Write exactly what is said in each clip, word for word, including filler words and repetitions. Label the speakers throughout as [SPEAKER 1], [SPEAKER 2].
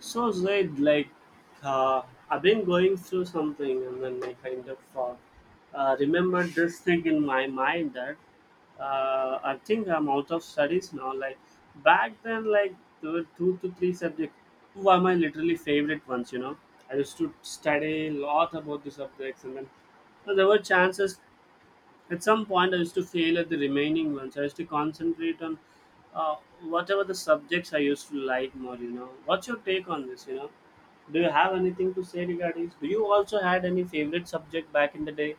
[SPEAKER 1] So Zaid, like, like, uh, I've been going through something, and then I kind of uh, uh, remembered this thing in my mind that uh, I think I'm out of studies now. Like back then, like there were two to three subjects. Two are my literally favorite ones. You know, I used to study a lot about the subjects, and then so there were chances at some point, I used to fail at the remaining ones. I used to concentrate on uh, whatever the subjects I used to like more. You know, what's your take on this? You know, do you have anything to say regarding this? Do you also had any favorite subject back in the day,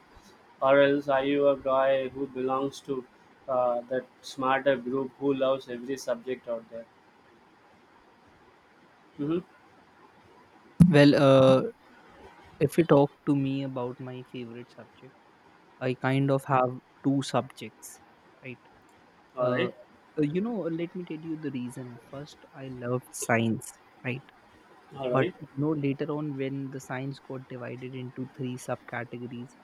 [SPEAKER 1] or else are you a guy who belongs to uh, that smarter group who loves every subject out there? Mm-hmm.
[SPEAKER 2] Well, uh, if you talk to me about my favorite subject, I kind of have two subjects, right?
[SPEAKER 1] All
[SPEAKER 2] Uh,
[SPEAKER 1] right,
[SPEAKER 2] uh, you know, Let me tell you the reason. First, I loved science, right?
[SPEAKER 1] all
[SPEAKER 2] But
[SPEAKER 1] right,
[SPEAKER 2] you know, later on, when the science got divided into three subcategories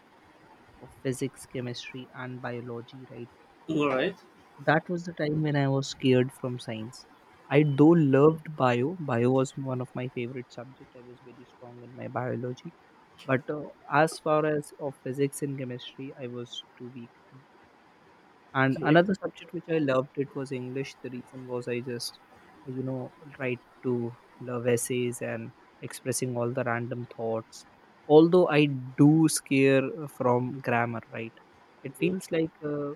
[SPEAKER 2] of physics, chemistry, and biology, right?
[SPEAKER 1] all right.
[SPEAKER 2] That was the time when I was scared from science. I though loved bio. Bio was one of my favorite subject. I was very strong in my biology, but uh, as far as of physics and chemistry, I was too weak. And
[SPEAKER 1] Okay.
[SPEAKER 2] another subject which I loved, it was English. The reason was, I just you know tried to love essays and expressing all the random thoughts, although I do scare uh, from grammar, right? It
[SPEAKER 1] Mm-hmm.
[SPEAKER 2] feels like, uh,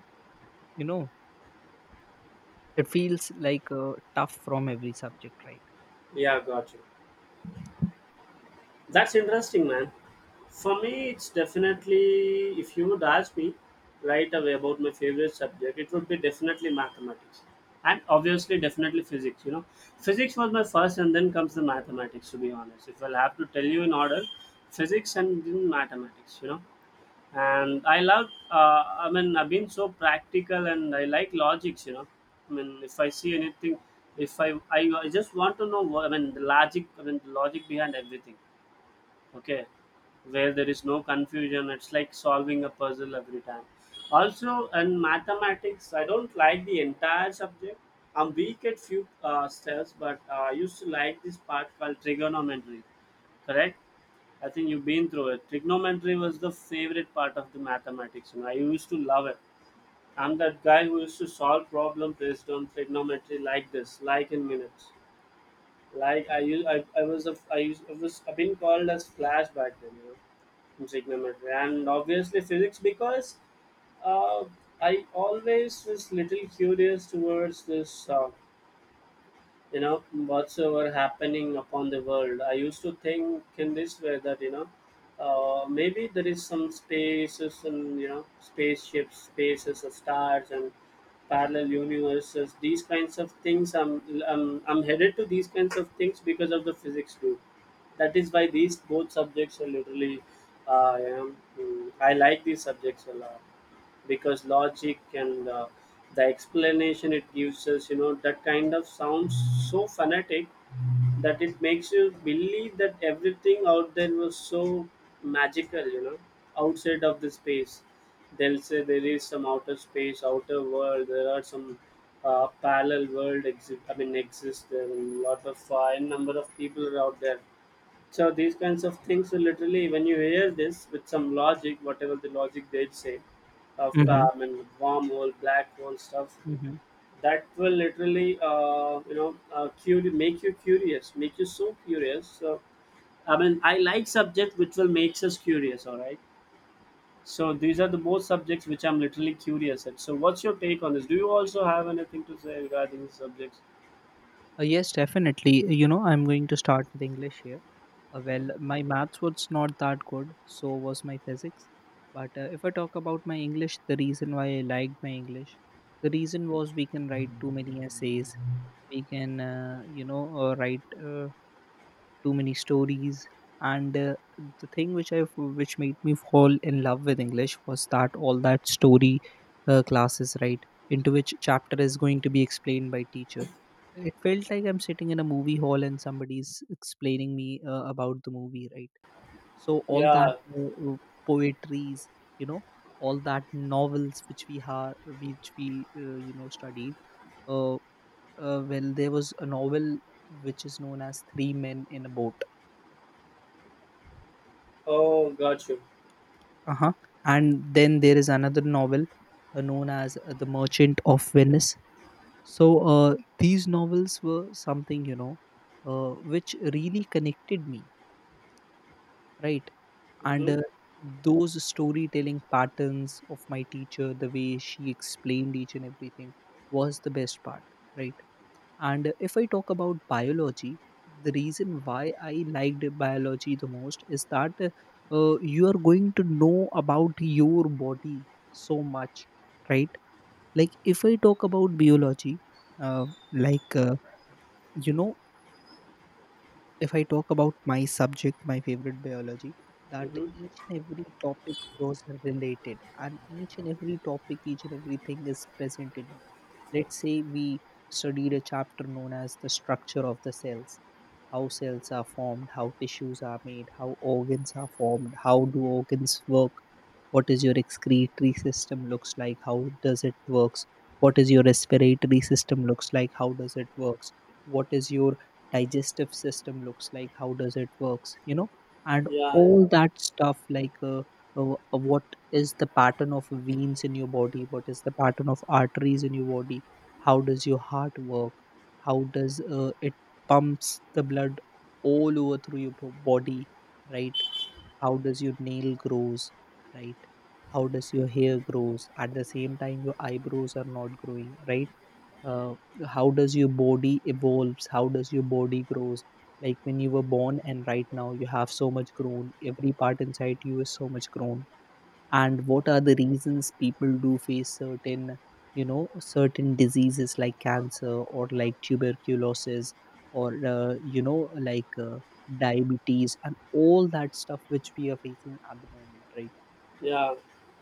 [SPEAKER 2] you know it feels like uh, tough from every subject, right?
[SPEAKER 1] Yeah, got you. That's interesting, man. For me, it's definitely, if you would ask me right away about my favorite subject, it would be definitely mathematics. And obviously, definitely physics. You know, physics was my first, and then comes the mathematics, to be honest. If I'll have to tell you in order, physics and then mathematics, you know. And I love, uh, I mean, I've been so practical and I like logics, you know. I mean, if I see anything, if I, I, I just want to know, what, I mean, the logic, I mean, the logic behind everything. Okay, where there is no confusion, it's like solving a puzzle every time. Also in mathematics, I don't like the entire subject. I'm weak at few uh, steps, but uh, I used to like this part called trigonometry. Correct. I think you've been through it. Trigonometry was the favorite part of the mathematics you know I used to love it. I'm that guy who used to solve problem based on trigonometry like this, like in minutes, like I use I, I was a I used I was I've been called as Flash back then, you know, in trigonometry, and obviously physics because uh, I always was little curious towards this. Uh, you know Whatsoever happening upon the world, I used to think in this way that you know uh, maybe there is some spaces, and you know spaceships, spaces of stars and parallel universes, these kinds of things. I'm i'm, I'm headed to these kinds of things because of the physics too. That is why these both subjects are literally uh, you know, mm, I like these subjects a lot, because logic and uh, the explanation it gives us, you know that kind of sounds so fanatic, that it makes you believe that everything out there was so magical, you know outside of the space. They'll say there is some outer space, outer world, there are some uh, parallel world exist, I mean, exist there, and lot of uh, n number of people are out there. So these kinds of things, so literally, when you hear this with some logic, whatever the logic they'd say, of
[SPEAKER 2] Mm-hmm.
[SPEAKER 1] uh, I mean, wormhole, black hole stuff,
[SPEAKER 2] Mm-hmm.
[SPEAKER 1] that will literally, uh, you know, uh, curi- make you curious, make you so curious. So, I mean, I like subject which will makes us curious. All right. So these are the both subjects which I'm literally curious at. So what's your take on this? Do you also have anything to say regarding these subjects?
[SPEAKER 2] Uh, yes definitely, you know I'm going to start with English here. Uh, well, my maths was not that good, so was my physics. But uh, if I talk about my English, the reason why I liked my English, the reason was we can write too many essays, we can, uh, you know, uh, write uh, too many stories. And uh, the thing which I which made me fall in love with English was that all that story uh, classes, right, into which chapter is going to be explained by teacher, it felt like I'm sitting in a movie hall and somebody's explaining me uh, about the movie, right? So all that
[SPEAKER 1] Yeah.
[SPEAKER 2] uh, uh, poetries, you know, all that novels which we have, which we uh, you know study. Uh, uh, well, there was a novel which is known as Three Men in a Boat.
[SPEAKER 1] Oh, got you.
[SPEAKER 2] Uh-huh. And then there is another novel uh, known as uh, The Merchant of Venice. So uh, these novels were something, you know, uh, which really connected me, right? And
[SPEAKER 1] Mm-hmm.
[SPEAKER 2] uh, those storytelling patterns of my teacher, the way she explained each and everything, was the best part, right? And uh, if I talk about biology, the reason why I liked biology the most is that, uh, uh, you are going to know about your body so much, right? Like if I talk about biology, uh, like uh, you know if I talk about my subject, my favorite biology, that
[SPEAKER 1] Mm-hmm.
[SPEAKER 2] each and every topic was related, and each and every topic, each and everything is present in you. Let's say we studied a chapter known as the structure of the cells, how cells are formed, how tissues are made, how organs are formed, how do organs work, what is your excretory system looks like, how does it works, what is your respiratory system looks like, how does it works, what is your digestive system looks like, how does it works, you know and
[SPEAKER 1] Yeah. Yeah.
[SPEAKER 2] all that stuff, like uh, uh, uh, what is the pattern of veins in your body, what is the pattern of arteries in your body, how does your heart work, how does uh, it pumps the blood all over through your bo- body, right? How does your nail grows, right? How does your hair grows at the same time your eyebrows are not growing, right? Uh, how does your body evolves, how does your body grows, like when you were born and right now you have so much grown, every part inside you is so much grown. And what are the reasons people do face certain, you know certain diseases like cancer or like tuberculosis, or uh, you know like uh, diabetes and all that stuff which we are facing at the moment, right?
[SPEAKER 1] Yeah.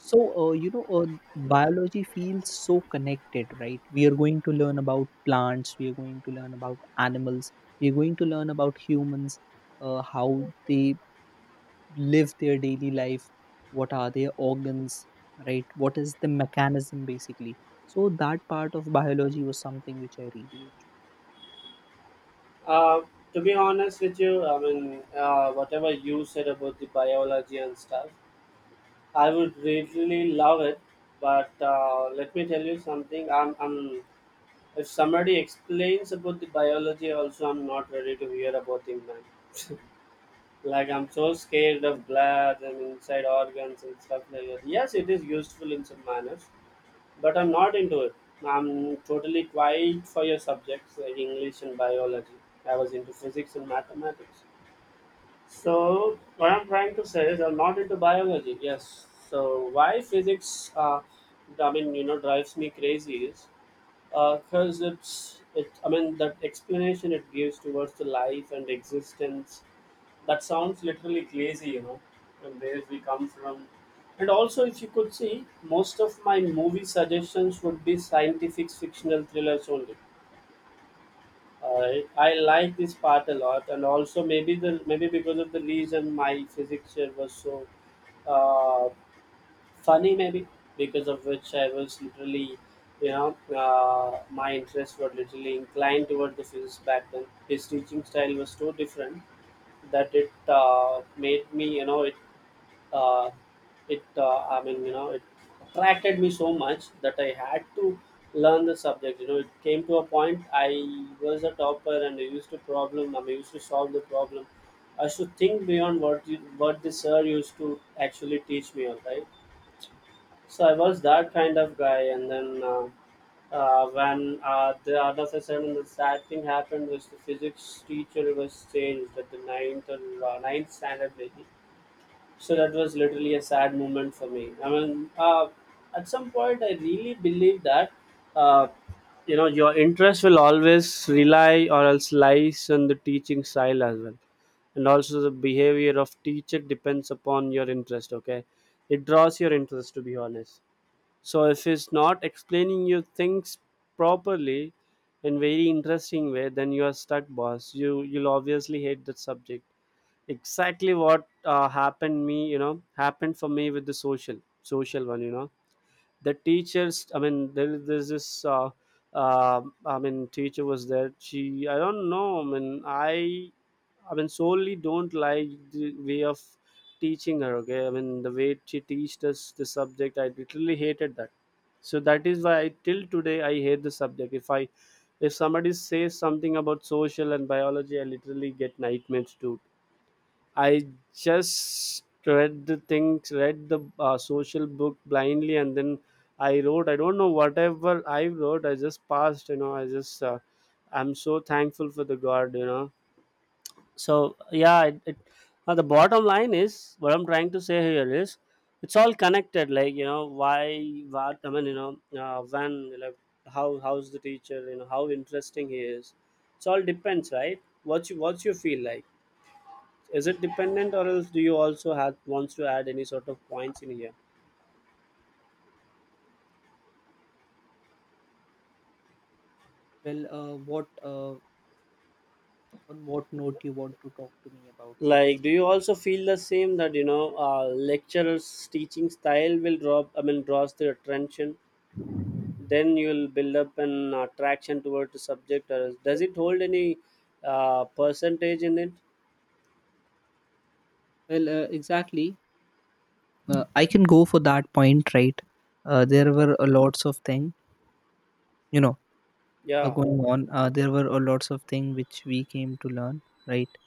[SPEAKER 2] So, uh, you know uh, biology feels so connected, right? We are going to learn about plants, we are going to learn about animals, we are going to learn about humans, uh, how they live their daily life, what are their organs, right? What is the mechanism, basically? So that part of biology was something which I really enjoyed.
[SPEAKER 1] Uh, to be honest with you, I mean, uh, whatever you said about the biology and stuff, I would really love it. But uh, let me tell you something. I'm, I'm, if somebody explains about the biology, also, I'm not ready to hear about it, man. Like, I'm so scared of blood and inside organs and stuff like that. Yes, it is useful in some manners, but I'm not into it. I'm totally quiet for your subjects like English and biology. I was into physics and mathematics. So what I'm trying to say is I'm not into biology. Yes. So why physics? Uh, I mean, you know, drives me crazy is because it's it. I mean, that explanation it gives towards the life and existence, that sounds literally crazy, you know, and where we come from. And also, if you could see, most of my movie suggestions would be scientific fictional thrillers only. I I like this part a lot, and also maybe the maybe because of the reason my physics chair was so uh, funny, maybe because of which I was literally, you know, uh, my interests were literally inclined toward the physics back then. His teaching style was so different that it uh, made me, you know, it uh, it uh, I mean, you know it attracted me so much that I had to learn the subject. You know it came to a point I was a topper, and I used to problem I mean, used to solve the problem. I used to think beyond what you, what the sir used to actually teach me. All right. So I was that kind of guy, and then uh, uh, when uh, the other session and the sad thing happened was the physics teacher was changed at the ninth, or uh, ninth standard maybe. So that was literally a sad moment for me. I mean, uh, at some point, I really believe that uh, you know your interest will always rely or else lies on the teaching style as well, and also the behavior of teacher depends upon your interest. Okay, it draws your interest, to be honest. So if he's not explaining you things properly in very interesting way, then you are stuck, boss. You you'll obviously hate that subject. Exactly what uh, happened me, you know happened for me with the social social one you know the teachers, I mean, there, there's this uh, uh, I mean teacher was there. She, I don't know, I mean, i i mean solely don't like the way of teaching her. Okay, I mean the way she teached us the subject, I literally hated that. So that is why I, till today I hate the subject. If I if somebody says something about social and biology, I literally get nightmares too. I just read the things, read the uh, social book blindly, and then I wrote. I don't know whatever I wrote. I just passed. You know, I just. Uh, I'm so thankful for the God. You know. So yeah, it, it, uh, the bottom line is what I'm trying to say here is, it's all connected. Like you know why, what I mean, you know uh, when, like, how how's the teacher, you know how interesting he is. It's all depends, right? What you what you feel like. Is it dependent, or else do you also have wants to add any sort of points in here?
[SPEAKER 2] Well, uh, what uh, on what note you want to talk to me about, because...
[SPEAKER 1] Like, do you also feel the same that you know uh, lecturers' teaching style will drop? I mean, draws the attention. Then you'll build up an attraction towards the subject, or else- does it hold any uh, percentage in it?
[SPEAKER 2] Well, uh, exactly, uh, I can go for that point, right? Uh, there were a lots of thing, you know uh,
[SPEAKER 1] Yeah,
[SPEAKER 2] going on. Uh, there were a lots of thing which we came to learn, right.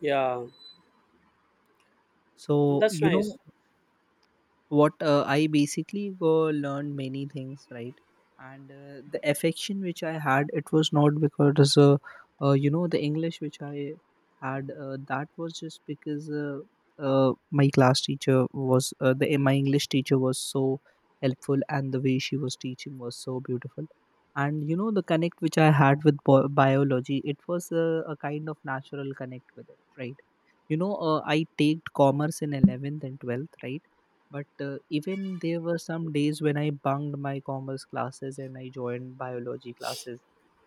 [SPEAKER 1] yeah, and
[SPEAKER 2] So,
[SPEAKER 1] that's
[SPEAKER 2] you
[SPEAKER 1] nice.
[SPEAKER 2] know what, uh, I basically go learn many things, right? And uh, the affection which I had, it was not because uh, uh, you know the English which I had, uh, that was just because uh, uh, my class teacher was, uh, the eh, my English teacher was so helpful, and the way she was teaching was so beautiful. And you know the connect which I had with bio- biology, it was uh, a kind of natural connect with it, right? You know uh, i take commerce in eleventh and twelfth, right? But uh, even there were some days when I bunked my commerce classes and I joined biology classes.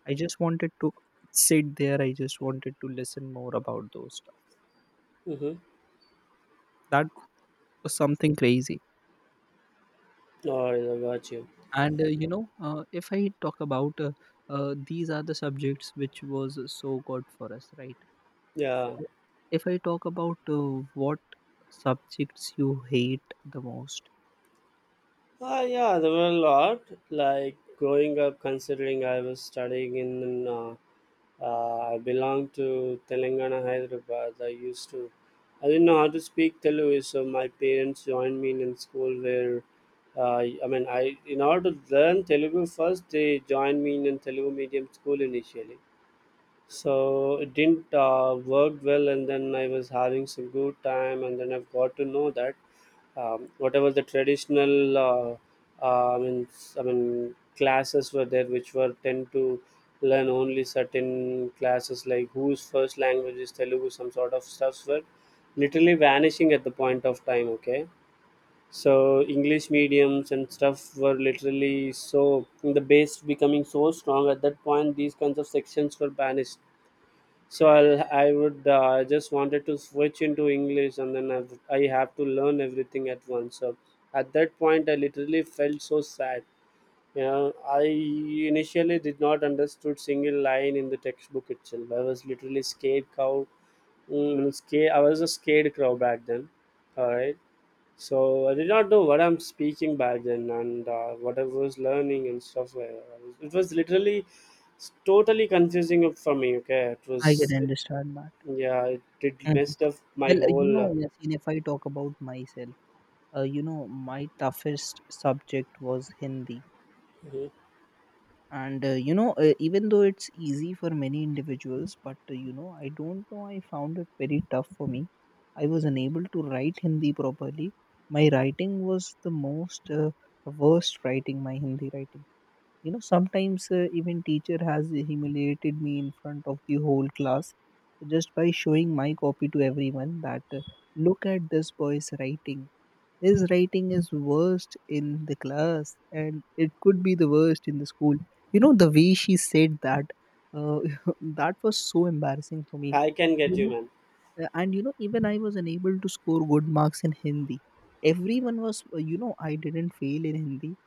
[SPEAKER 2] I just wanted to sit there. I just wanted to listen more about those stuff.
[SPEAKER 1] Mm-hmm.
[SPEAKER 2] That was something crazy.
[SPEAKER 1] Oh, I got you.
[SPEAKER 2] And uh, you know, uh, if I talk about, uh, uh, these are the subjects which was so good for us, right? So
[SPEAKER 1] Yeah.
[SPEAKER 2] if I talk about, uh, what subjects you hate the most...
[SPEAKER 1] Ah, yeah, there were a lot. Like growing up, considering I was studying in, uh, uh, I belonged to Telangana, Hyderabad. I used to, I didn't know how to speak Telugu, so my parents joined me in school where, uh, I mean, I in order to learn Telugu first, they joined me in a Telugu medium school initially. So it didn't uh, work well, and then I was having some good time, and then I've got to know that um, whatever the traditional uh, uh, i mean s- i mean classes were there which were tend to learn only certain classes like whose first language is Telugu. Some sort of stuffs were literally vanishing at the point of time. Okay, so English mediums and stuff were literally, so the base becoming so strong at that point, these kinds of sections were banished. So I'll, I would uh, I just wanted to switch into English, and then I've, I have to learn everything at once. So at that point, I literally felt so sad. You know, I initially did not understood single line in the textbook itself. I was literally scared cow. Mm, scared, I was a scared crow back then. All right. So I did not know what I'm speaking back then, and uh, what I was learning and stuff, like that. It was literally s- totally confusing for me. Okay, it
[SPEAKER 2] I can
[SPEAKER 1] was.
[SPEAKER 2] understand that.
[SPEAKER 1] Yeah, it, it
[SPEAKER 2] Mhm.
[SPEAKER 1] messed up my
[SPEAKER 2] Well, uh, you
[SPEAKER 1] whole. Uh,
[SPEAKER 2] know, Yasin, if I talk about myself. uh, you know my toughest subject was Hindi,
[SPEAKER 1] mhm.
[SPEAKER 2] and uh, you know uh, even though it's easy for many individuals, but uh, you know I don't know, I found it very tough for me. I was unable to write Hindi properly. My writing was the most uh, worst writing, my Hindi writing. You know sometimes uh, even teacher has humiliated me in front of the whole class, just by showing my copy to everyone that, uh, look at this boy's writing. His writing is worst in the class, and it could be the worst in the school. You know the way she said that. Uh, that was so embarrassing for me.
[SPEAKER 1] I can get
[SPEAKER 2] You
[SPEAKER 1] you,
[SPEAKER 2] know,
[SPEAKER 1] man.
[SPEAKER 2] uh, and, you know, even I was unable to score good marks in Hindi. Everyone was, uh, you know, I didn't fail in Hindi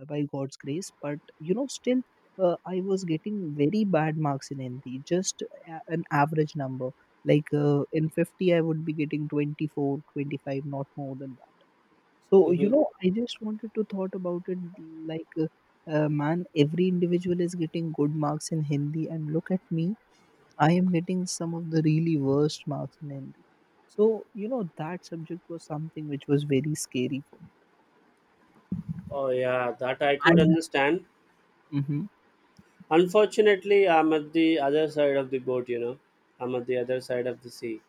[SPEAKER 2] uh, by God's grace, but, you know, still, uh, I was getting very bad marks in Hindi, just a- an average number, like uh, in fifty I would be getting twenty-four, twenty-five, not more than that. So, you
[SPEAKER 1] Hmm.
[SPEAKER 2] know, I just wanted to thought about it, like, uh, uh, man, every individual is getting good marks in Hindi, and look at me, I am getting some of the really worst marks in Hindi. So, you know, that subject was something which was very scary for me.
[SPEAKER 1] Oh yeah, that I could
[SPEAKER 2] And
[SPEAKER 1] understand.
[SPEAKER 2] hmm
[SPEAKER 1] Unfortunately, I'm at the other side of the boat. You know, I'm at the other side of the sea.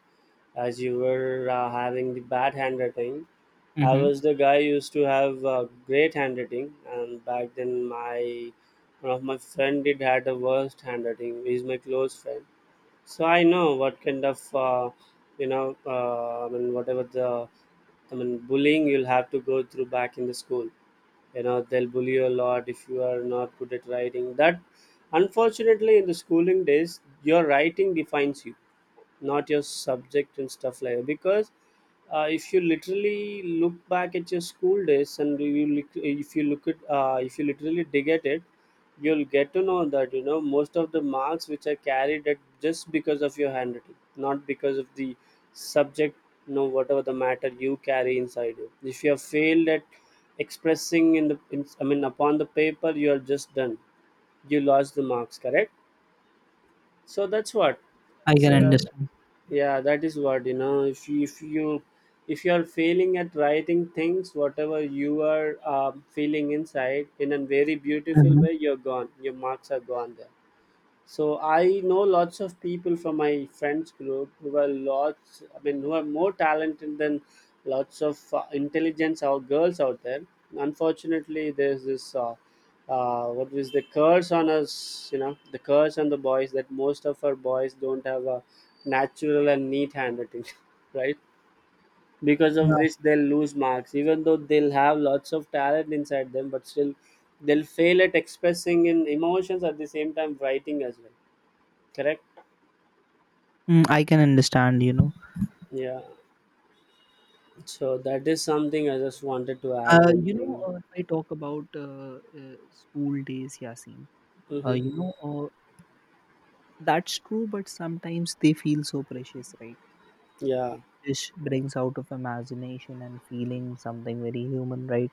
[SPEAKER 1] As you were uh, having the bad handwriting, I
[SPEAKER 2] hmm
[SPEAKER 1] was the guy who used to have uh, great handwriting, and back then my one of my friend did had the worst handwriting. He's my close friend. So I know what kind of uh, you know uh, I mean whatever the I mean bullying you'll have to go through back in the school. You know they'll bully you a lot if you are not good at writing. That Unfortunately, in the schooling days your writing defines you, not your subject and stuff like that. Because uh, if you literally look back at your school days, and you lit- if you look at uh, if you literally dig at it, you'll get to know that you know most of the marks which are carried at just because of your handwriting, not because of the subject. You know whatever the matter you carry inside you, if you have failed at expressing in the in, I mean, upon the paper, you are just done. You lost the marks, correct? So that's what.
[SPEAKER 2] I can
[SPEAKER 1] So
[SPEAKER 2] understand.
[SPEAKER 1] yeah, that is what, you know if you, if you if you are failing at writing things, whatever you are um, feeling inside in a very beautiful
[SPEAKER 2] Hmm.
[SPEAKER 1] way, you're gone, your marks are gone there. So I know lots of people from my friends group who are lots, I mean, who are more talented than lots of uh, intelligence or girls out there. Unfortunately, there's this uh, uh, what is the curse on us? You know, the curse on the boys, that most of our boys don't have a natural and neat handwriting, right? Because of
[SPEAKER 2] Yeah.
[SPEAKER 1] which they'll lose marks, even though they'll have lots of talent inside them, but still they'll fail at expressing in emotions at the same time writing as well. Correct?
[SPEAKER 2] Mm, I can understand, you know.
[SPEAKER 1] Yeah. So that is something. I just wanted to add
[SPEAKER 2] Uh,
[SPEAKER 1] one
[SPEAKER 2] you know,
[SPEAKER 1] thing.
[SPEAKER 2] uh, if I talk about, uh, uh, school days, Yasin, uh,
[SPEAKER 1] Mm-hmm.
[SPEAKER 2] you know, uh, that's true, but sometimes they feel so precious, right?
[SPEAKER 1] Yeah.
[SPEAKER 2] Dish brings out of imagination and feeling something very human, right?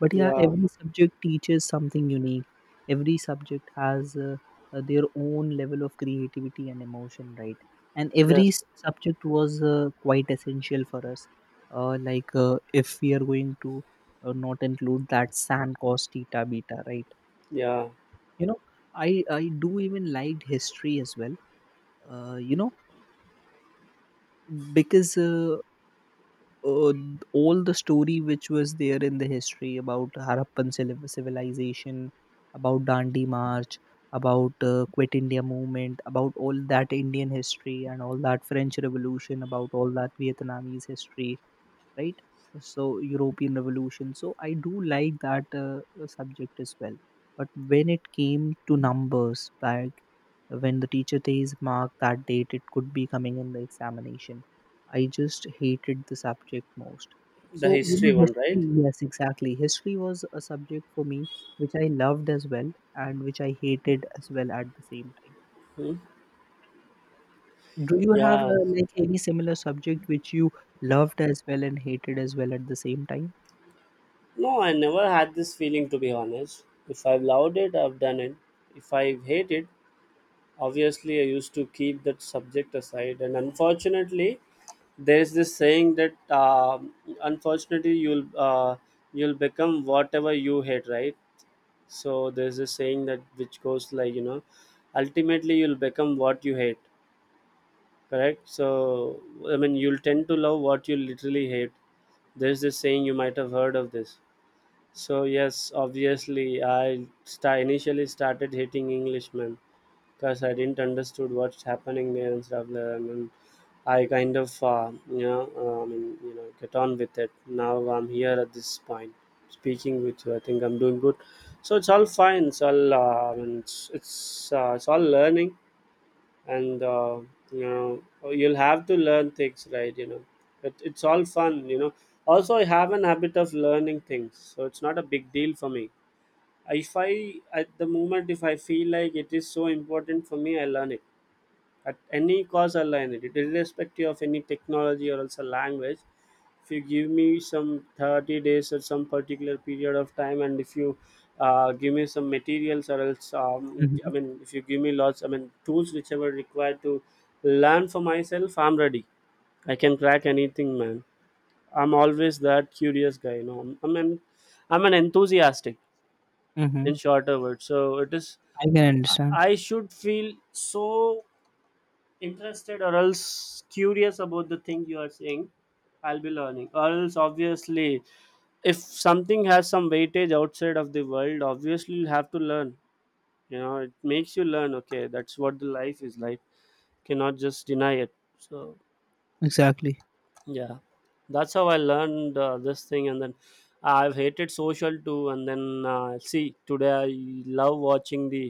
[SPEAKER 2] But yeah,
[SPEAKER 1] Yeah.
[SPEAKER 2] every subject teaches something unique. Every subject has, uh, uh, their own level of creativity and emotion, right? And every
[SPEAKER 1] Yes.
[SPEAKER 2] s- subject was uh, quite essential for us, uh, like, uh, if we are going to uh, not include that san cos theta beta, right?
[SPEAKER 1] Yeah.
[SPEAKER 2] You know i i do even liked history as well, uh, you know because uh, uh, all the story which was there in the history about Harappan civil- civilization, about Dandi March, about uh, Quit India movement, about all that Indian history and all that French Revolution, about all that Vietnamese history, right? So, European Revolution. So I do like that uh, uh, subject as well. But when it came to numbers, like when the teacher says mark that date, it could be coming in the examination, I just hated the subject most.
[SPEAKER 1] The
[SPEAKER 2] So, you know,
[SPEAKER 1] history one,
[SPEAKER 2] history,
[SPEAKER 1] right?
[SPEAKER 2] yes, exactly. History was a subject for me which I loved as well and which I hated as well at the same time.
[SPEAKER 1] Hmm?
[SPEAKER 2] Do you have,
[SPEAKER 1] Yeah.
[SPEAKER 2] uh, like, any similar subject which you loved as well and hated as well at the same time?
[SPEAKER 1] No, I never had this feeling, to be honest. If I've loved it, I've done it. If I hate it, obviously I used to keep that subject aside. And unfortunately, there's this saying that um unfortunately you'll uh, you'll become whatever you hate, right? So there's a saying that, which goes like, you know ultimately you'll become what you hate. Correct? So, I mean, you'll tend to love what you literally hate. There's this saying, you might have heard of this. So yes, obviously, I sta initially started hating English, man. Because I didn't understood what's happening there and stuff. There. And I kind of, uh, you know, um, you know, get on with it. Now I'm here at this point, speaking with you. I think I'm doing good. So it's all fine. It's all, uh, I mean, it's it's, uh, it's all learning, and uh, you know, you'll have to learn things, right? You know, it, it's all fun. You know. Also, I have an habit of learning things, so it's not a big deal for me if I, at the moment, if I feel like it is so important for me, I learn it at any cause or line, it irrespective of any technology or also language. If you give me some thirty days or some particular period of time, and if you uh, give me some materials or else, um, I mean, if you give me lots, I mean, tools whichever required to learn for myself, I'm ready. I can crack anything, man. I'm always that curious guy, you know. I'm an, I'm an enthusiastic,
[SPEAKER 2] Mhm.
[SPEAKER 1] in shorter words. So it is,
[SPEAKER 2] I can understand.
[SPEAKER 1] I should feel so interested or else curious about the thing you are saying. I'll be learning, or else, obviously, if something has some weightage outside of the world, obviously you'll have to learn. You know it makes you learn. Okay, that's what the life is. Like, cannot just deny it. So
[SPEAKER 2] Exactly.
[SPEAKER 1] yeah, that's how I learned uh, this thing. And then I've hated social too. And then uh, see, today I love watching the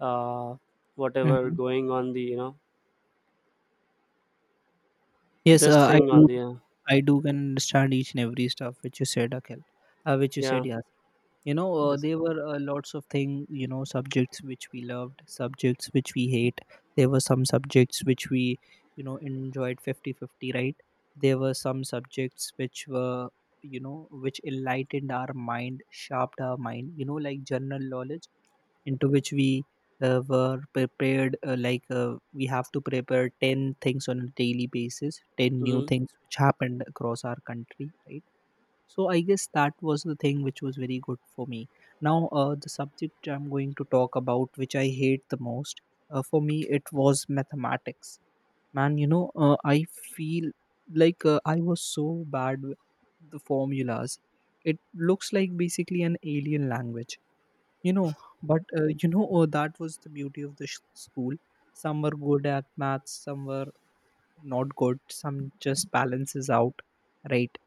[SPEAKER 1] uh, whatever
[SPEAKER 2] Mhm.
[SPEAKER 1] going on the, you know,
[SPEAKER 2] Yes,
[SPEAKER 1] this
[SPEAKER 2] uh, I
[SPEAKER 1] thing
[SPEAKER 2] do.
[SPEAKER 1] on the uh,
[SPEAKER 2] I do can understand each and every stuff which you said, Akhil, uh, which you said,
[SPEAKER 1] yeah.
[SPEAKER 2] Yasin. You know, uh,
[SPEAKER 1] Yes.
[SPEAKER 2] there were uh, lots of thing. You know, subjects which we loved, subjects which we hate. There were some subjects which we, you know, enjoyed fifty-fifty, right? There were some subjects which were, you know, which enlightened our mind, sharpened our mind. You know, like general knowledge into which we uh, were prepared uh, like uh, we have to prepare ten things on a daily basis, ten new
[SPEAKER 1] Mhm.
[SPEAKER 2] things which happened across our country, right? So I guess that was the thing which was very good for me. Now uh, the subject which I'm going to talk about, which I hate the most, uh, for me it was mathematics, man. You know, uh, I feel like uh, I was so bad with the formulas. It looks like basically an alien language, you know. But uh, you know oh, that was the beauty of the sh- school. Some were good at maths, some were not good, some just balances out, right?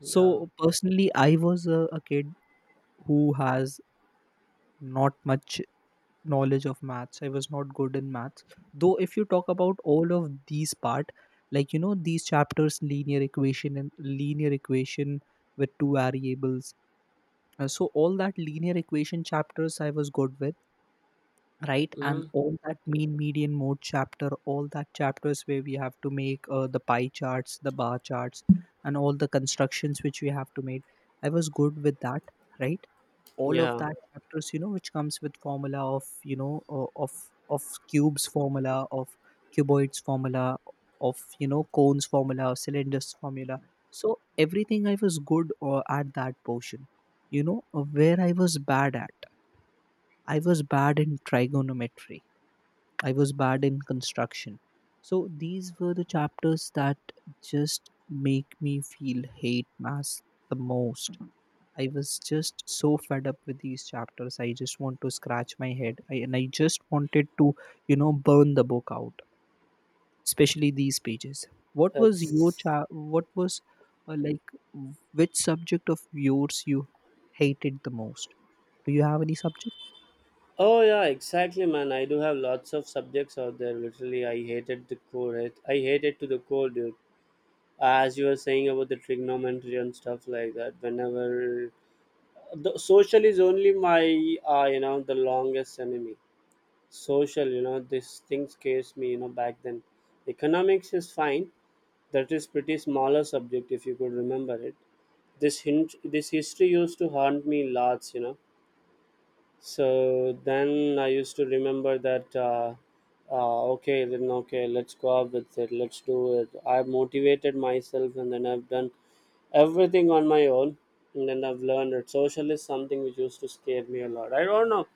[SPEAKER 2] So
[SPEAKER 1] Yeah.
[SPEAKER 2] personally I was a, a kid who has not much knowledge of maths. I was not good in maths, though. If you talk about all of these part, like you know, these chapters linear equation and linear equation with two variables. Uh, so all that linear equation chapters I was good with, right? And
[SPEAKER 1] Hmm.
[SPEAKER 2] all that mean median mode chapter, all that chapters where we have to make uh, the pie charts, the bar charts, and all the constructions which we have to make, I was good with that, right? All of
[SPEAKER 1] Yeah.
[SPEAKER 2] that chapters, you know, which comes with formula of you know uh, of of cubes, formula of cuboids, formula of, you know, cones, formula cylinders formula. So everything I was good uh, at that portion. You know, uh, where I was bad at, I was bad in trigonometry. I was bad in construction. So these were the chapters that just make me feel hate mass the most. I was just so fed up with these chapters. I just want to scratch my head. I, and I just wanted to, you know, burn the book out, especially these pages. What was your
[SPEAKER 1] Ex-
[SPEAKER 2] cha- what was uh, like w- which subject of yours you hated the most? Do you have any subject?
[SPEAKER 1] oh yeah, exactly, man. I do have lots of subjects out there. Literally, I hated the core. I, I hated to the core, dude. As you were saying about the trigonometry and stuff like that. Whenever the social is only my, uh, you know, the longest enemy. Social, you know, these things scares me. You know, back then, economics is fine. That is pretty smaller subject if you could remember it. This hint, this history used to haunt me lots. You know So then I used to remember that, uh, uh, okay, then okay, let's go up with it, let's do it. I have motivated myself and then I've done everything on my own, and then I've learned that social is something which used to scare me a lot. I don't know.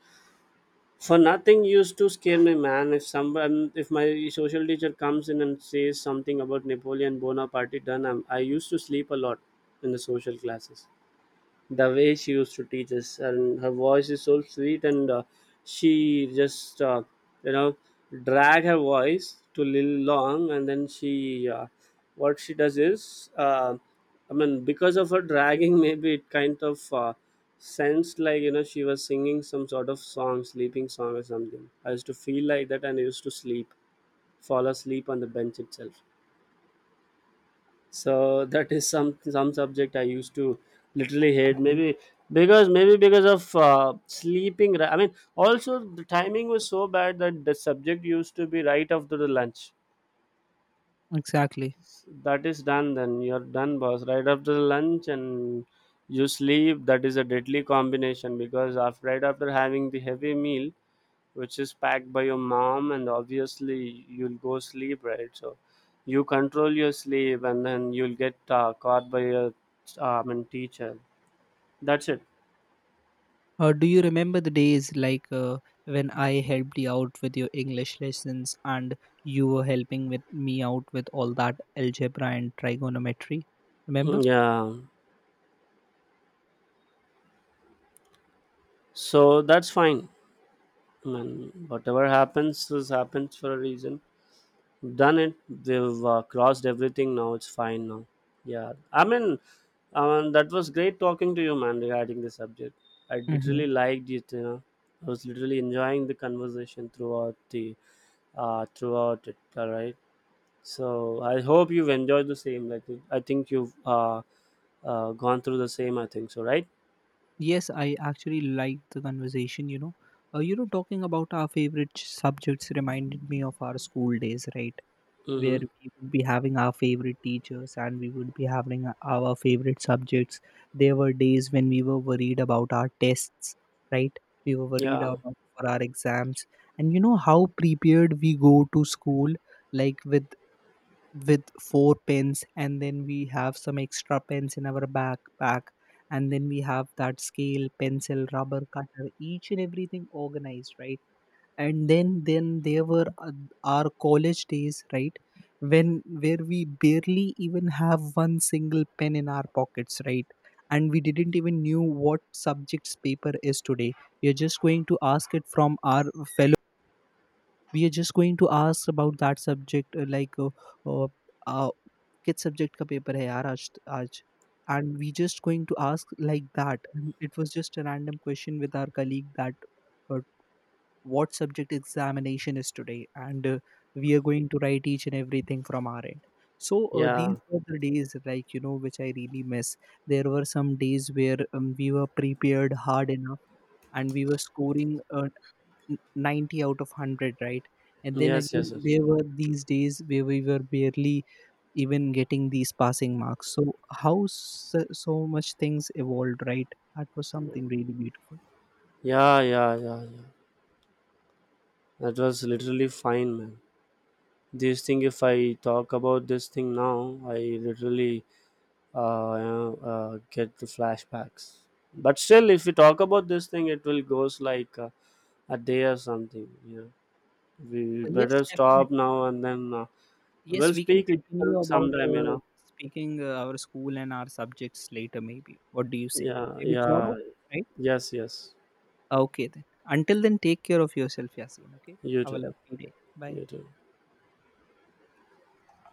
[SPEAKER 1] For nothing used to scare me, man. If someone, if my social teacher comes in and says something about Napoleon Bonaparte, then I'm, I used to sleep a lot in the social classes. The way she used to teach us, and her voice is so sweet, and uh, she just uh, you know drag her voice to little long, and then she uh, what she does is uh, I mean, because of her dragging, maybe it kind of uh, sensed like, you know she was singing some sort of song, sleeping song or something. I used to feel like that, and I used to sleep fall asleep on the bench itself. So that is some some subject I used to literally hate,
[SPEAKER 2] Mhm.
[SPEAKER 1] maybe. Because maybe because of uh, sleeping, ri- I mean, also the timing was so bad that the subject used to be right after the lunch.
[SPEAKER 2] Exactly.
[SPEAKER 1] That is done, then you're done, boss. Right after the lunch and you sleep, that is a deadly combination, because after right after having the heavy meal which is packed by your mom, and obviously you'll go sleep, right? So you control your sleep and then you'll get uh, caught by your uh, I mean, teacher. That's it.
[SPEAKER 2] Uh, do you remember the days like uh, when I helped you out with your English lessons and you were helping with me out with all that algebra and trigonometry? Remember?
[SPEAKER 1] Yeah. So that's fine. I mean, whatever happens is happens for a reason. Done it. We've uh, crossed everything now. It's fine now. Yeah, I mean, um, that was great talking to you, man, regarding this subject. I
[SPEAKER 2] Mm-hmm.
[SPEAKER 1] literally liked it you know I was literally enjoying the conversation throughout the uh, throughout it. All right. So I hope you've enjoyed the same. Like, I think you've uh, uh, gone through the same. I think so, right?
[SPEAKER 2] Yes, I actually liked the conversation. You know, uh, you know, talking about our favorite ch- subjects reminded me of our school days, right? Where
[SPEAKER 1] Mm-hmm.
[SPEAKER 2] we would be having our favorite teachers and we would be having our favorite subjects. There were days when we were worried about our tests, right? We were worried
[SPEAKER 1] Yeah.
[SPEAKER 2] about for our exams. And you know how prepared we go to school, like with with four pens, and then we have some extra pens in our backpack, and then we have that scale, pencil, rubber, cutter, each and everything organized, right? And then then there were uh, our college days, right? When where we barely even have one single pen in our pockets, right? And we didn't even knew what subject's paper is today. We are just going to ask it from our fellow, we are just going to ask about that subject uh, like uh, uh, uh, किस subject का paper है यार आज आज And we just going to ask like that. And it was just a random question with our colleague that uh, what subject examination is today, and uh, we are going to write each and everything from our end. So uh, these
[SPEAKER 1] Yeah.
[SPEAKER 2] were the days, like you know, which I really miss. There were some days where um, we were prepared hard enough and we were scoring uh, n- ninety out of one hundred, right? And then
[SPEAKER 1] Yes.
[SPEAKER 2] again
[SPEAKER 1] Yes. Yes.
[SPEAKER 2] there were these days where we were barely even getting these passing marks. So how, so, so much things evolved, right? That was something really beautiful.
[SPEAKER 1] Yeah. Yeah. Yeah. Yeah. That was literally fine, man. This thing, if I talk about this thing now, I literally uh, you know, uh, get the flashbacks. But still, if we talk about this thing, it will goes like uh, a day or something. You know, we
[SPEAKER 2] Uh, yes,
[SPEAKER 1] better
[SPEAKER 2] definitely.
[SPEAKER 1] stop now and then. Uh,
[SPEAKER 2] Yes,
[SPEAKER 1] We'll
[SPEAKER 2] we can
[SPEAKER 1] speak later
[SPEAKER 2] continue about
[SPEAKER 1] sometime, you
[SPEAKER 2] uh,
[SPEAKER 1] know.
[SPEAKER 2] speaking uh, our school and our subjects later, maybe. What do you say?
[SPEAKER 1] Yeah,
[SPEAKER 2] Maybe tomorrow,
[SPEAKER 1] yeah.
[SPEAKER 2] right?
[SPEAKER 1] Yes, yes.
[SPEAKER 2] Okay, then. Until then, take care of yourself, Yasin. Okay.
[SPEAKER 1] You
[SPEAKER 2] Have a
[SPEAKER 1] too.
[SPEAKER 2] lovely day. Bye.
[SPEAKER 1] You too.